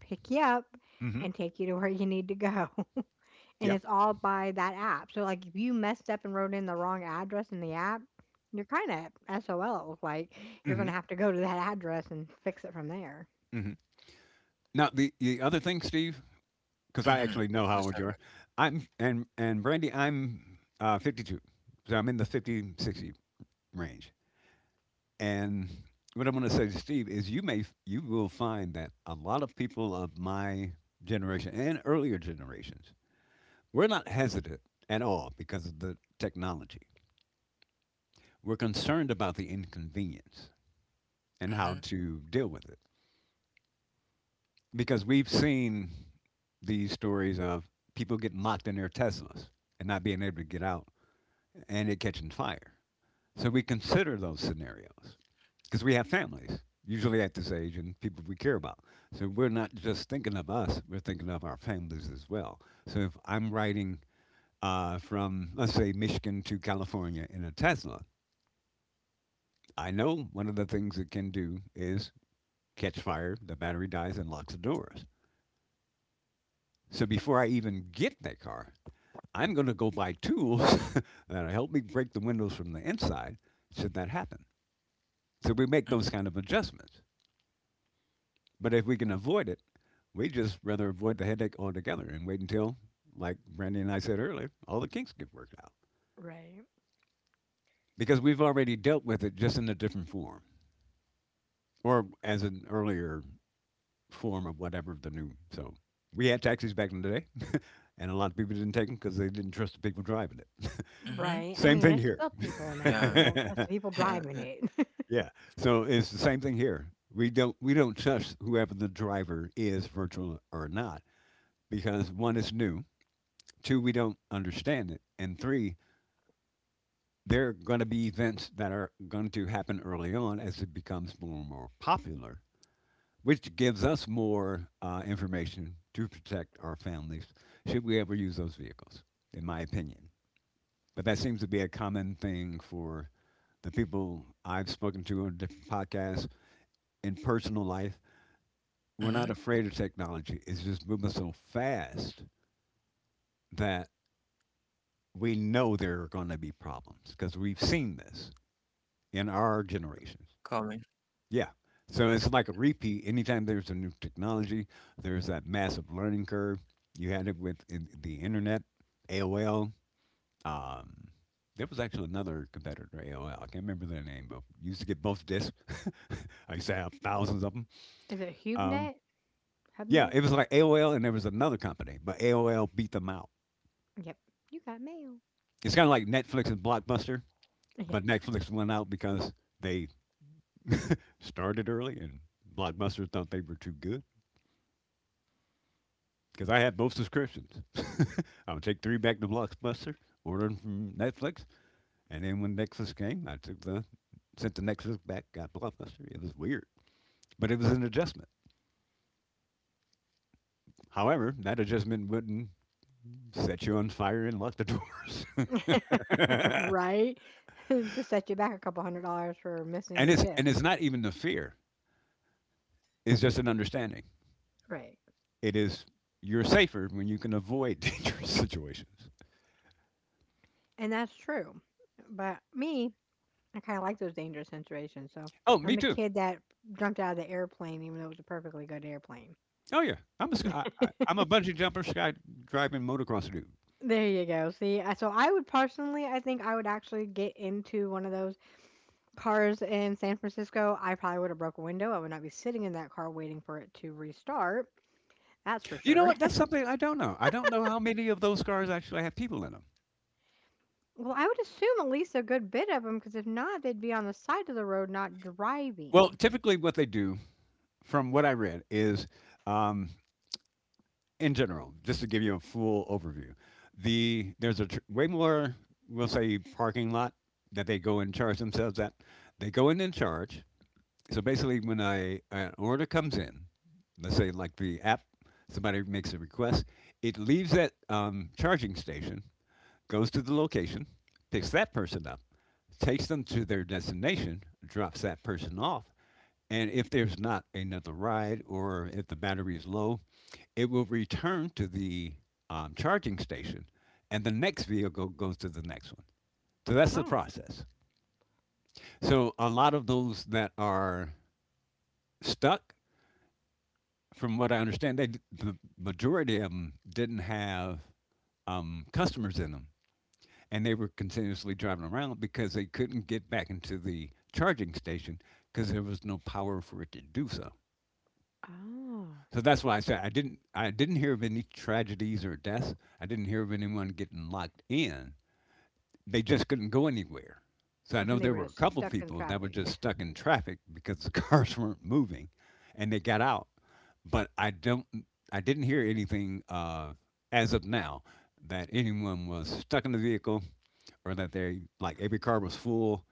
pick you up
Mm-hmm.
and take you to where you need to go. And
Yeah.
it's all by that app. So, like, if you messed up and wrote in the wrong address in the app, you're kind of SOL. Like, you're going
Mm-hmm.
to have to go to that address and fix it from there.
Mm-hmm. Now the other thing, Steve, because I
Mm-hmm.
actually know how
Just
old
tell
you
me.
are. I'm and Brandy, I'm 52, so I'm in the 50 60 range. And what I'm going to say to Steve is, you may you will find that a lot of people of my generation and earlier generations, we're not hesitant at all because of the technology. We're concerned about the inconvenience and how
Mm-hmm.
to deal with it because we've seen these stories of people getting locked in their Teslas and not being able to get out and it catching fire. So we consider those scenarios, because we have families usually at this age and people we care about, so we're not just thinking of us, we're thinking of our families as well. So if I'm riding from, let's say, Michigan to California in a Tesla, I know one of the things it can do is catch fire, the battery dies and locks the doors. So before I even get that car, I'm going to go buy tools that'll help me break the windows from the inside should that happen. So we make those kind of adjustments. But if we can avoid it, we just rather avoid the headache altogether and wait until, like Brandy and I said earlier, all the kinks get worked out
Right.
because we've already dealt with it just in a different form or as an earlier form of whatever the new. So we had taxis back in the day, and a lot of people didn't take them because they didn't trust the people driving it.
Mm-hmm.
Right. I
Same
mean,
thing
there's
here.
still people now who
Yeah.
don't trust the people driving it.
Yeah. So it's the same thing here. We don't trust whoever the driver is, virtual or not, because one is new. Two, we don't understand it. And three, there are going to be events that are going to happen early on as it becomes more and more popular, which gives us more information to protect our families should we ever use those vehicles, in my opinion. But that seems to be a common thing for the people I've spoken to on different podcasts, in personal life. We're not
Mhm.
afraid of technology, it's just moving so fast that we know there are going to be problems because we've seen this in our
Coming.
generations. Yeah. So it's like a repeat. Anytime there's a new technology, there's that massive learning curve. You had it with in the internet, AOL. Um, there was actually another competitor, AOL. I can't remember their name, but you used to get both discs. I used to have thousands of them.
Is it
Um,
HubeNet?
yeah,
HubNet?
it was like AOL, and there was another company, but AOL beat them out.
Yep. You got mail.
It's kind of like Netflix and Blockbuster, but Netflix went out because they started early, and Blockbuster thought they were too good, because I have both subscriptions. I would take three back to Blockbuster, order them from Netflix, and then when Netflix came, I took the sent the Netflix back, got Blockbuster. It was weird, but it was an adjustment. However, that adjustment wouldn't set you on fire and lock the doors.
Yeah.
and
Right? Just set you back a couple hundred dollars for missing
it's
disc.
and it's not even the fear; it's just an understanding.
Right.
It is, you're safer when you can avoid dangerous situations.
And that's true. But me, I kind of like those dangerous situations. So
Oh,
I'm
me
the
too.
kid that jumped out of the airplane, even though it was a perfectly good airplane.
Oh yeah, I'm a bungee jumper, sky driving, motocross dude.
There you go. So I would personally, I think I would actually get into one of those cars in San Francisco. I probably would have broke a window. I would not be sitting in that car waiting for it to restart. That's for
You know
sure.
what? That's something I don't know. I don't know how many of those cars actually have people in them.
Well, I would assume at least a good bit of them, because if not, they'd be on the side of the road, not
Well,
driving.
typically, what they do, from what I read, is um, in general, just to give you a full overview, there's a way more, we'll say, parking lot that they go and charge themselves at. They go in and charge. So basically, an order comes in, let's say like the app, somebody makes a request, it leaves that charging station, goes to the location, picks that person up, takes them to their destination, drops that person off. And if there's not another ride or if the battery is low, it will return to the charging station, and the next vehicle goes to the next one. So that's the
Oh.
process. So a lot of those that are stuck, from what I understand, the majority of them didn't have customers in them, and they were continuously driving around because they couldn't get back into the charging station because there was no power for it to do so.
Oh.
So that's why I said I didn't hear of any tragedies or deaths. I didn't hear of anyone getting locked in. They just couldn't go anywhere. So I know
And they
there
were
were a
just
couple
stuck in
people that were
traffic.
just stuck in traffic because the cars weren't moving and they got out. But I don't I didn't hear anything as of now that anyone was stuck in the vehicle or that they like every car was full.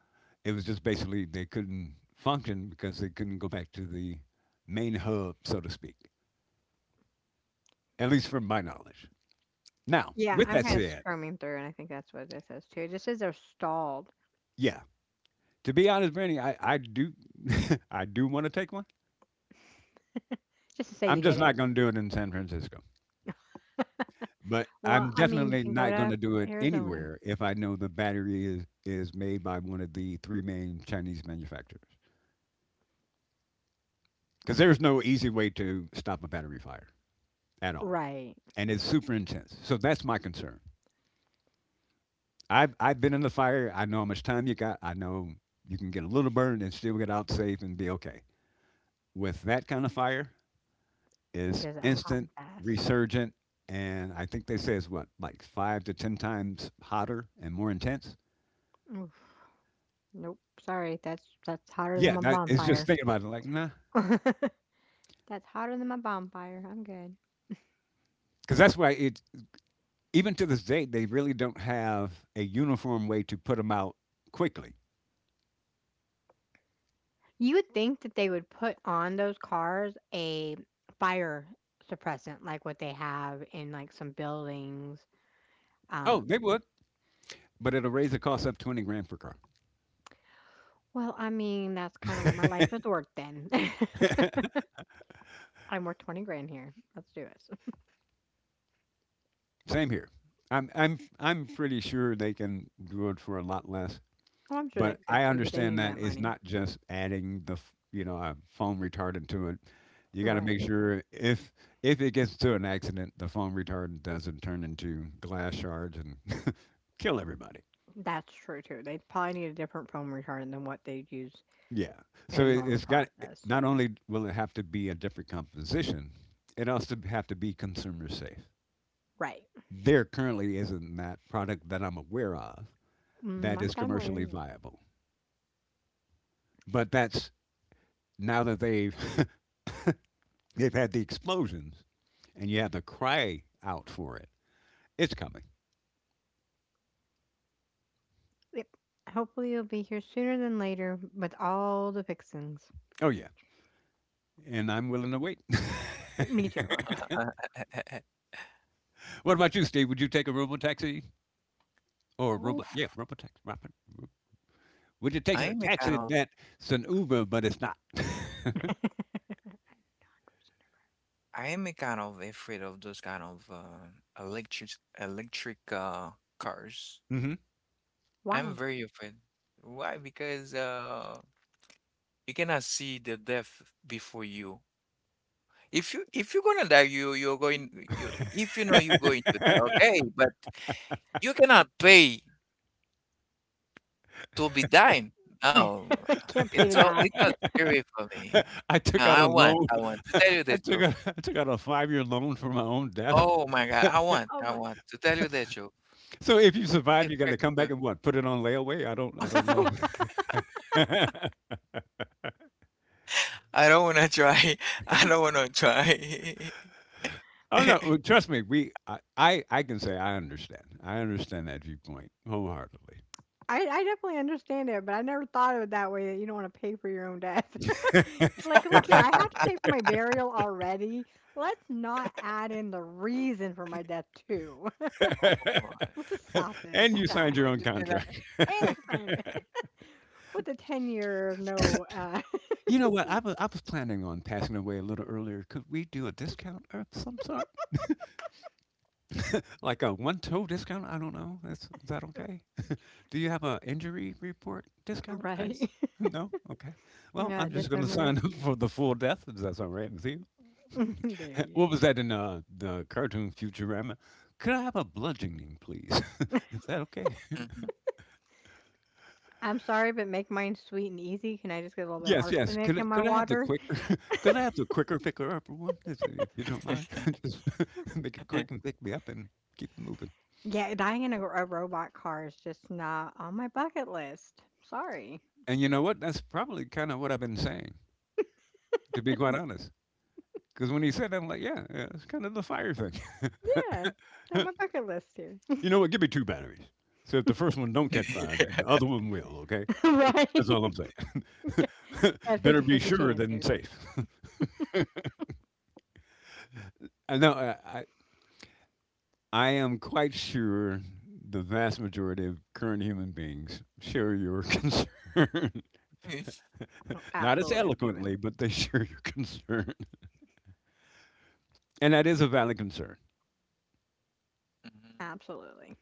It was just basically they couldn't function because they couldn't go back to the main hub, so to speak. At least from my knowledge. Now,
Yeah,
with
I'm
that
kind of
said,
scrumming through, and I think that's what it says too. It just says they're stalled,
yeah, to be honest, Brandy, I do I do want to take one.
just to say
I'm
you
just
did it.
not going to do it in San Francisco, but I'm
Well, I mean, you
definitely
can go
not going
to
to do it
Arizona,
anywhere if I know the battery is made by one of the three main Chinese manufacturers. Because there's no easy way to stop a battery fire at all.
right?
And it's super intense. So that's my concern. I've been in the fire. I know how much time you got. I know you can get a little burn and still get out safe and be okay. With that kind of fire, is
Is it hot
instant,
and fast?
resurgent, and I think they say it's what like five to ten times hotter and more intense.
Oof. Nope. Sorry, that's hotter than
Yeah,
my
that, it's just
bonfire.
thinking about it like nah,
That's hotter than my bonfire. I'm good.
because that's why it. Even to this day, they really don't have a uniform way to put them out quickly.
You would think that they would put on those cars a fire suppressant, like what they have in like some buildings.
Oh,
Um,
they would, but it'll raise the cost up 20 grand per car.
well, I mean, that's kind of what my life was worth then. I'm worth 20 grand here. Let's do it.
Same here. I'm pretty sure they can do it for a lot less,
Oh, I'm sure they
but
could
I
too, but they
understand
need
that
that
it's
money.
not just adding the a foam retardant to it. You got to make
Right.
sure if it gets to an accident, the foam retardant doesn't turn into glass shards and kill everybody.
That's true too. They probably need a different foam retardant than what they'd use
Yeah.
in
So
a normal
it's got
process.
not only will it have to be a different composition, it also have to be consumer safe.
Right.
There currently isn't that product that I'm aware of
Mm,
that
not
is
that I
commercially
either.
viable. But that's now that they've they've had the explosions, and you have to cry out for it. It's coming.
Yep. Hopefully you will be here sooner than later with all the fixings.
Oh yeah, and I'm willing to wait.
Me too.
What about you, Steve? Would you take a robo taxi or a robo? Yeah,
Oof.
robo-taxi. Robo taxi. Would you take
I
a
am a kind
taxi
of
that's an Uber, but it's not?
I'm 100% over-
I am a kind of afraid of those kind of electric electric cars.
Hmm.
I'm
Why?
very afraid. Why? Because you cannot see the death before you. If you if you're gonna die, you you're going you if you know you're going to die, okay, but you cannot pay. To be dined? No,
Can't pay
it's
to
so
die.
it's so scary for me.
I
No,
took out a
I want
loan.
I want to tell you
I
the
took
truth.
out I took out a 5 year loan for my own death.
Oh my God, I want
Oh
I
my.
want to tell you the truth.
So if you
To be
survive, you got to
frank
come back
with
and what? Put it on layaway? I don't
you,
know.
I don't wanna try. I don't wanna try.
Oh no, well, trust me. We, I can say I understand. I understand that viewpoint wholeheartedly.
I definitely understand it, but I never thought of it that way, that you don't wanna pay for your own death. Like, "Look here, I have to pay for my burial already. Let's not add in the reason for my death too.
Oh,
Let's just stop this
And
at
you
you
signed
that."
your
want
own
to say
contract.
that?
And I signed it with a 10-year no,
You know what? I was planning on passing away a little earlier. Could we do a discount of some sort, like a one toe discount? I don't know. That's, is that okay? Do you have a injury report discount? I
right?
s No. Okay. Well, I'm just going to
Dismemberment.
sign up for the full death. If that's all right with you.
There you go.
What was that in, the cartoon Futurama? "Could I have a bludgeoning, please? Is that okay?"
Mhm.
"I'm sorry, but make mine sweet and easy. Can I just get a little bit of
Yes, yes. "Could
arsenic
I
in my
could I have the
water?"
quicker could I have the quicker picker-upper one, if you don't mind? Just make it
Mhm.
quick and pick me up and keep it moving."
Yeah, dying in a robot car is just not on my bucket list. Sorry.
And you know what? That's probably kinda what I've been saying, to be quite honest. Because when he said that, I'm like, "Yeah, yeah, it's kinda the fire thing."
Yeah, on my bucket list here.
"You know what? Give me 2 batteries. So if the first one don't catch fire, then the other one will, okay? That's all I'm
Right?
saying.
At
Better be
50-50
sure
chance
than
here.
safe." I know I am quite sure the vast majority of current human beings share your concern. Not as
Absolutely, Steven.
eloquently, but they share your concern. And that is a valid concern.
Absolutely.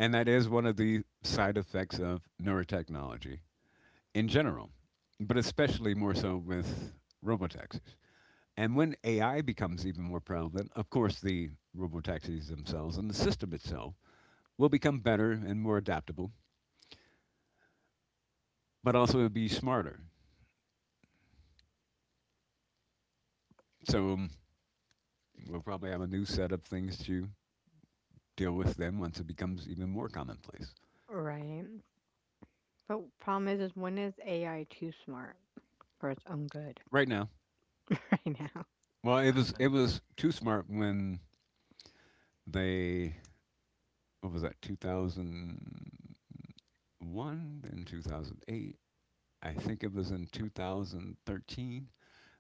And that is one of the side effects of neurotechnology in general, but especially more so with robotaxis. And when AI becomes even more prevalent, of course, the robotaxis themselves and the system itself will become better and more adaptable, but also it'll be smarter. So we'll probably have a new set of things to deal with then once it becomes even more commonplace.
Right. But problem is when is AI too smart for its own good
Right now,
right now?
well, it was too smart when they what was that 2001 then 2008. I think it was in 2013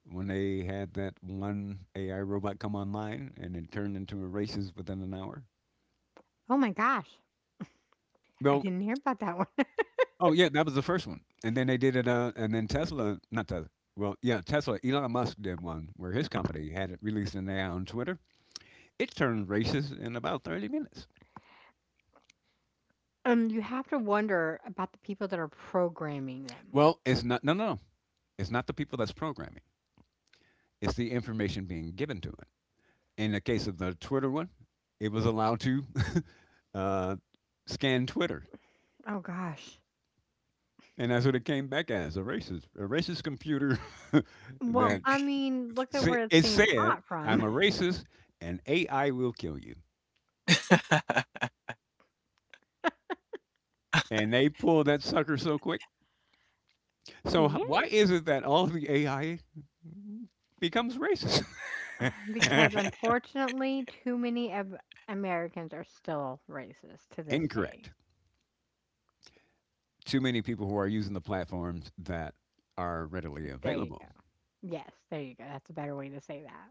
when they had that one AI robot come online and it turned into a racist within an hour.
Oh my gosh, I
Well,
didn't hear about that one.
oh yeah, that was the first one, and then they did it. And then Tesla, not Tesla. Well, yeah, Tesla. Elon Musk did one where his company had it released an AI on Twitter. It turned racist in about 30 minutes.
You have to wonder about the people that are programming them.
Well, it's not. No, no, no. It's not the people that's programming. It's the information being given to it. In the case of the Twitter one, it was allowed to uh, scan Twitter,
Oh gosh.
and that's what it came back as a racist computer
Well,
that
I mean, look at where it's
it
being
said,
taught from.
"I'm a racist, and AI will kill you." And they pulled that sucker so quick. So why
Yeah,
is it that all the AI becomes racist?
because unfortunately, too many of Americans are still racist to this day.
Incorrect. Too many people who are using the platforms that are readily
There you
available.
Yes, there you go, that's a better way to say that.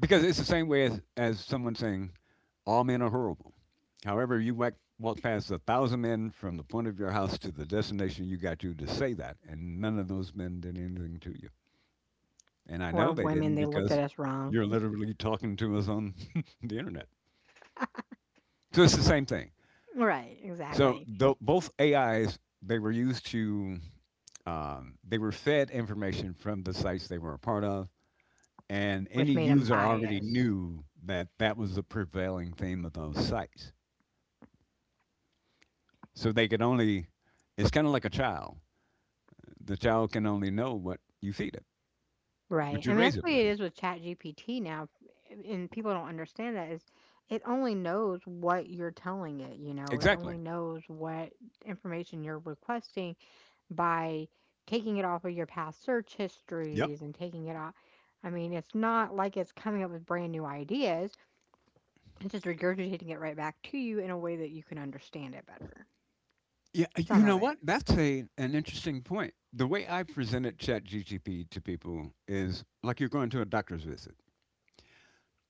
Because it's the same way as, someone saying, all men are horrible. However, walk past a 1,000 men from the point of your house to the destination you got to say that, and none of those men did anything to you. And I know
Or
they
women,
didn't
they looked at
because
us wrong.
you're literally talking to us on the internet. So it's the same thing.
Right,
So
exactly,
both AIs, they were fed information from the sites they were a part of, and any
which made them
user already
biased.
knew that that was the prevailing theme of those sites. So it's kind of like a child. The child can only know what you feed it,
Right,
what
I
you
mean, that's
raise it
what it
with.
is with ChatGPT now, eh, and people don't understand that is it only knows what you're telling it, you know? It
Exactly.
only knows what information you're requesting by taking it off of your past search
Yep.
histories and taking it off. I mean, it's not like it's coming up with brand new ideas, it's just regurgitating it right back to you in a way that you can understand it better.
Yeah. You
Some of
know
it.
what? That's a an interesting point. The way I presented ChatGPT to people is like you're going to a doctor's visit.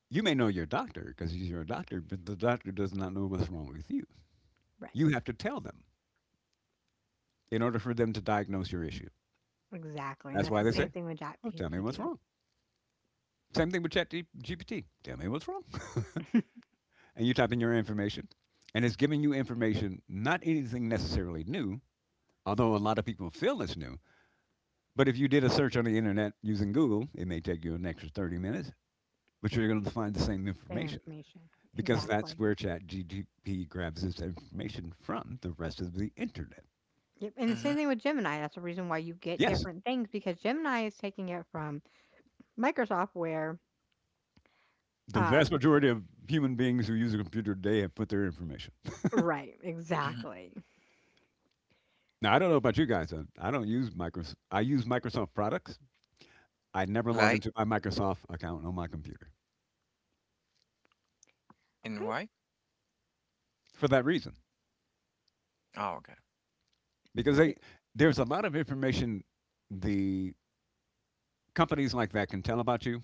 You may know your doctor because he's your doctor, but the doctor does not know what's wrong with you.
Right.
You have to tell them in order for them to diagnose your issue.
Exactly, and
That's
that's
why
the
they
same
say,
thing with
"Oh, tell me what's
ChatGPT.
wrong." Same thing with ChatGPT. Tell me what's wrong, and you type in your information, and it's giving you information, not anything necessarily new, although a lot of people feel it's new. But if you did a search on the internet using Google, it may take you an extra 30 minutes, but you're going to find the same
Same
information
information.
because that's
Exactly.
where ChatGPT grabs its information from the rest of the internet.
Yep, and the same
Mhm.
thing with Gemini. That's the reason why you get
Yes.
different things because Gemini is taking it from Microsoft where,
The vast
um,
majority of human beings who use a computer today have put their information.
right,
Mhm.
exactly.
Now, I don't know about you guys. I don't use Microsoft. I use Microsoft products. I never log
Like
into my Microsoft account on my computer
and
I
why?
for that reason.
Oh, okay.
Because they,
it,
there's a lot of information the companies like that can tell about you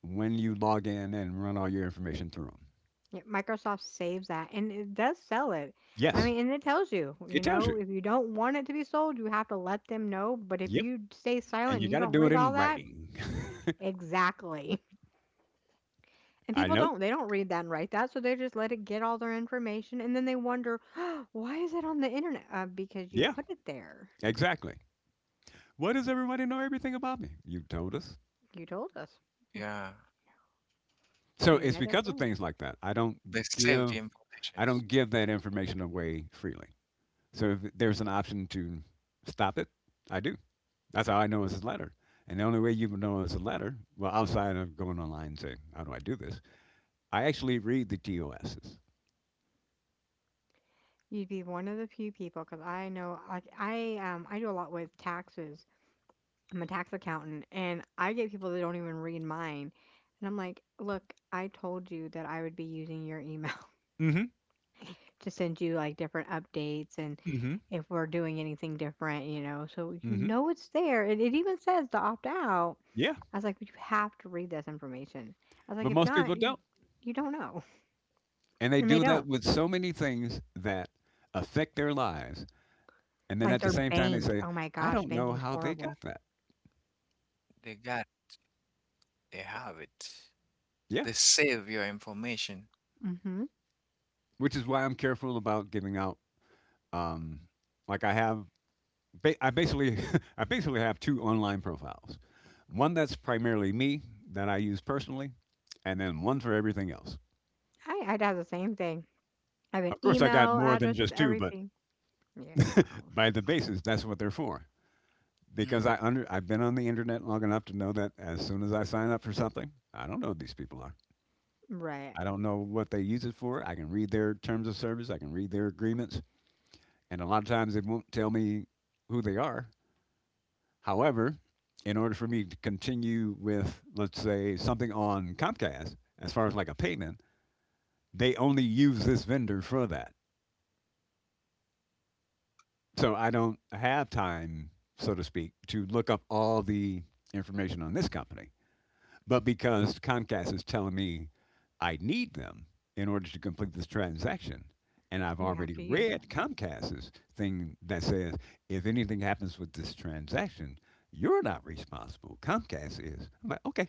when you log in and run all your information through them.
yeah, Microsoft saves that and it does sell it. I
Yes,
mean, and it tells you,
it
you
tells you.
know, if you don't want it to be sold, you have to let them know, but if
Yep.
you stay silent
And you
and you
got to
don't
do it
read
in
all that,
writing.
exactly. And
I
people
know.
don't. They don't read that and write that, so they just let it get all their information, and then they wonder, "Why is it on the internet?" Because you
Yeah,
put it there.
exactly. What does everybody know everything about me? You told us.
You told us.
Yeah.
So
You
it's
let us
because of
know.
things like that.
They save the
Give I
information.
don't give that information away freely. So if there's an option to stop it, I do. That's how I know it's a letter. And the only way you would know it's a letter, well, outside of going online and saying, "How do I do this?" I actually read the TOSs.
You'd be one of the few people, because I know I I do a lot with taxes. I'm a tax accountant, and I get people that don't even read mine, and I'm like, "Look, I told you that I would be using your email
Mm-hmm.
to send you like different updates and."
Mm-hmm.
If we're doing anything different, you know. So you
Mm-hmm.
know it's there. And it even says to opt out.
Yeah,
I was like, "Well, you have to read this information. I was like,
but
if
most
not,
people
you,
don't,
you don't know.
and they
And they
do that
don't.
with so many things that affect their lives. And then
Like
at the
their
same time, they
bank.
say,
Oh my
"I
gosh,
don't know
banking's
how they
horrible.
got that."
They got it. They have it.
Yeah,
They save your information.
Hmm.
which is why I'm careful about giving out Um, like I have, I basically, I basically have two online profiles. One that's primarily me that I use personally, and then one for everything else.
I, I'd have the same thing. I have an
Of course, I got
email
more than
address with
just two, but
everything. Yeah, well,
by the basis, that's what they're for.
Mhm.
Because I've been on the internet long enough to know that as soon as I sign up for something, I don't know who these people are.
right.
I don't know what they use it for. I can read their terms of service. I can read their agreements, and a lot of times they won't tell me who they are. However, in order for me to continue with, let's say, something on Comcast, as far as like a payment, they only use this vendor for that. So I don't have time, so to speak, to look up all the information on this company. But because Comcast is telling me I need them in order to complete this transaction, and I've
You have
already
to use
read
them.
Comcast's thing that says if anything happens with this transaction, you're not responsible. Comcast is. I'm like, okay.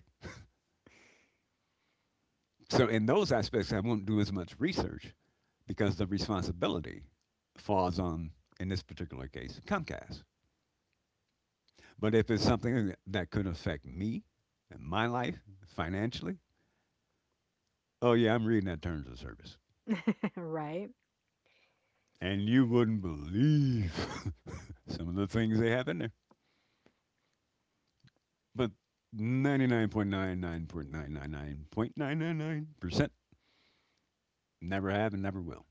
So in those aspects, I won't do as much research because the responsibility falls on, in this particular case, Comcast. But if it's something that could affect me and my life financially, oh yeah, I'm reading that terms of service.
Right,
And you wouldn't believe some of the things they have in there. But 99.99.999.999% never have and never will.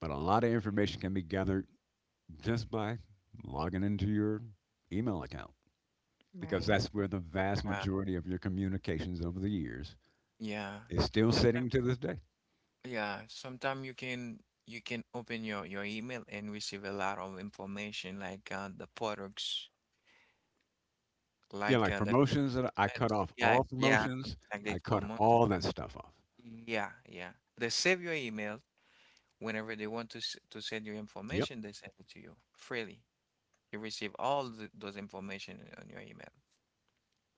But a lot of information can be gathered just by logging into your email account, because
right.
that's where the vast
Uh,
majority of your communications over the years
yeah.
is still
Sometimes,
sitting to this day.
yeah. Sometimes you can open your email and receive a lot of information like the products,
Yeah,
like
like
the
promotions, that I cut off all
yeah something
promotions.
like
I
this
cut
promotion.
all that stuff off.
Yeah, yeah. They save your email whenever they want to s to send you
Yep.
information. They send it to you freely. You receive all th those information on your email.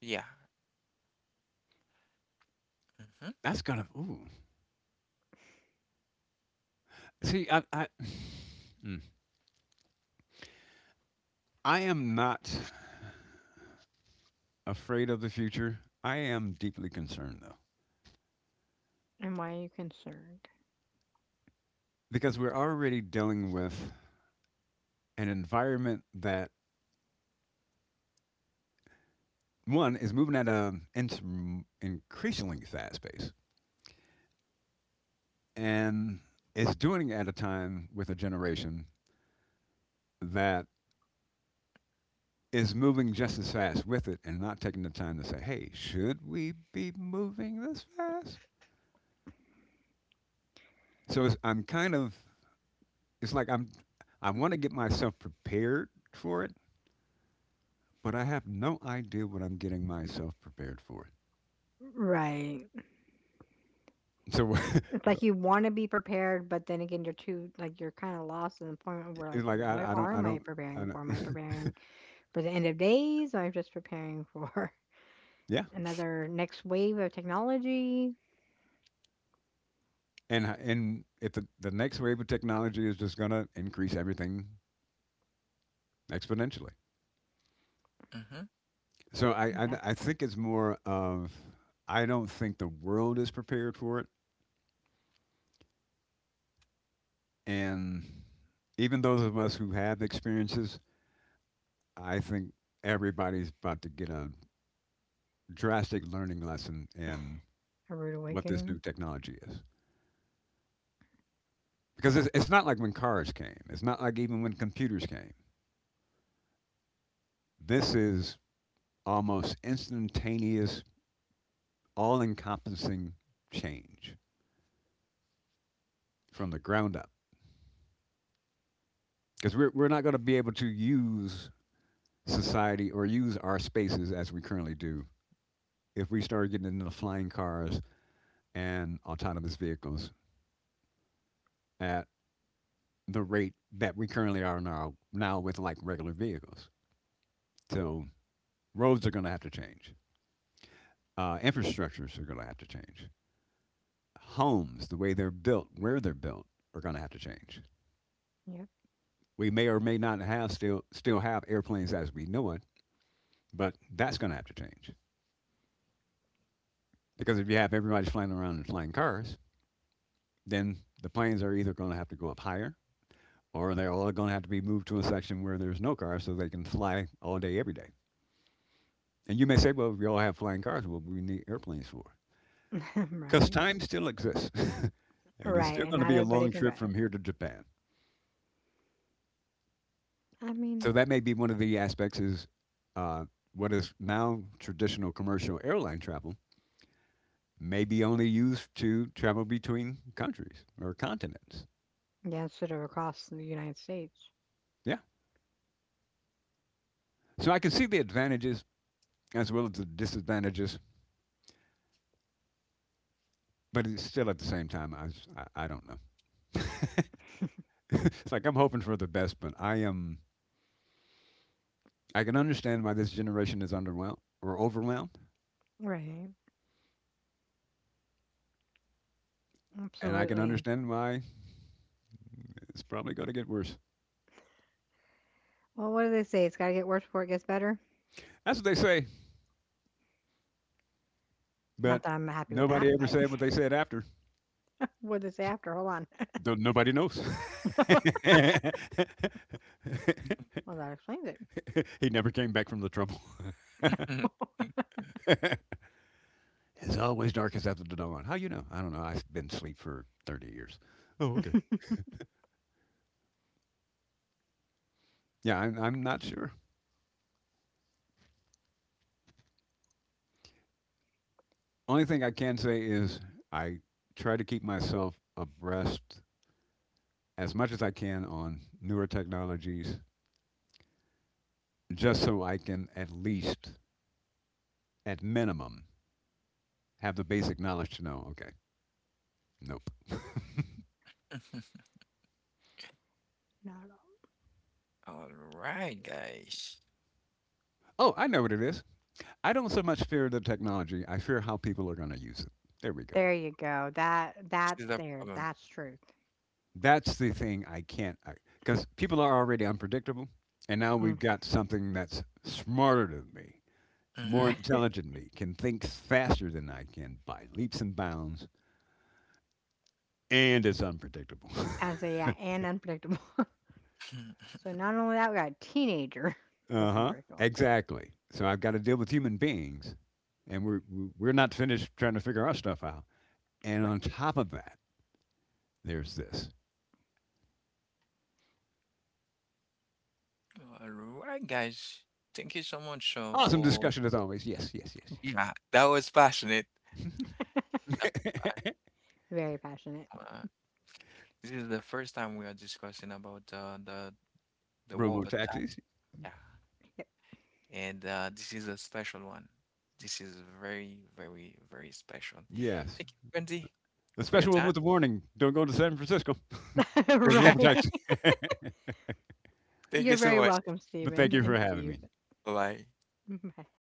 Yeah. Mhm.
That's gonna ooh. See, I Mm. I am not afraid of the future. I am deeply concerned though.
And why are you concerned?
Because we're already dealing with an environment that one is moving at an increasingly fast pace, and it's doing it at a time with a generation that is moving just as fast with it and not taking the time to say, hey, should we be moving this fast? So it's like I want to get myself prepared for it, but I have no idea what I'm getting myself prepared for.
Right.
So
It's like you want to be prepared, but then again, you're too, like, you're kind of lost in the point where,
it's
like,
like
what
I don't,
are
I
am I
don't, I
preparing
don't,
for? Am I preparing for the end of days? Or am I just preparing for
yeah.
another next wave of technology.
And if the next wave of technology is just going to increase everything exponentially.
Mhm.
So I, I
Yeah.
I think it's more of, I don't think the world is prepared for it. And even those of us who have experiences, I think everybody's about to get a drastic learning lesson in
A rude
what this new
awakening.
technology is. Because it's not like when cars came, it's not like even when computers came. This is almost instantaneous, all encompassing change from the ground up. Because we're not going to be able to use society or use our spaces as we currently do if we start getting into flying cars and autonomous vehicles at the rate that we currently are now with like regular vehicles. So roads are going to have to change. Infrastructures are going to have to change. Homes, the way they're built, where they're built, are going to have to change.
Yep.
We may or may not have still still have airplanes as we know it, but that's going to have to change, because if you have everybody flying around in flying cars, then the planes are either going to have to go up higher, or they're all going to have to be moved to a section where there's no cars so they can fly all day every day. And you may say, well, if we all have flying cars, what do we need airplanes for? Because
Right.
time still exists. And it's
Right.
still
And
going to
not
be a
everybody
long
can
trip
drive.
from here to Japan.
I mean,
So that may be one of the aspects is, uh, what is now traditional commercial airline travel may be only used to travel between countries or continents.
yeah, sort of across the United States.
Yeah. So I can see the advantages as well as the disadvantages, but it's still at the same time, I don't know. It's like I'm hoping for the best, but I am, I can understand why this generation is underwhelmed or overwhelmed,
Right.
and I can
Absolutely.
understand why it's probably going to get worse.
Well, what do they say? It's got to get worse before it gets better.
That's what they say, but
Not that I'm happy with that,
nobody ever
but
said what they said after.
what did they say after? Hold on.
Though nobody knows.
Well, that explains it.
He never came back from the trouble.
Mhm.
It's always darkest after the dawn. How you know? I don't know. I've been asleep for 30 years. Oh, okay.
Not
Yeah, I'm not sure. Only thing I can say is I try to keep myself abreast as much as I can on newer technologies, just so I can at least, at minimum, have the basic knowledge to know, okay, nope.
at all.
All right, guys.
Oh, I know what it is. I don't so much fear the technology, I fear how people are going to use it. There we go.
There you go. That
This
that
is the
there.
problem.
That's truth.
That's the thing I can't, because people are already unpredictable. And now
Mm.
we've got something that's smarter than me, more
Mhm.
intelligent than me, can think faster than I can by leaps and bounds, and it's unpredictable.
And so yeah, and unpredictable. So not only that, we got a teenager
Uh
that's
huh.
unpredictable.
Exactly. So I've got to deal with human beings, and we're not finished trying to figure our stuff out. And
Right.
on top of that, there's this
All right, guys. Thank you so much
awesome
for
discussion as always. Yes, yes,
Yes.
yeah, that was passionate. That was
yes.
Very passionate.
passionate. This is the first time we are discussing about the
Robo
Wobot tax.
taxis.
Yeah,
Yep.
and this is a special one. This is very, very, very special.
Yes.
Thank you, Wendy,
The
for your
special one
time.
with the warning: don't go to San Francisco. Or robo
Right.
taxi.
Thank you
You're
so
very
much.
welcome,
But thank
Stephen
you for
and
having
Steve.
me.
Bye.
Bye.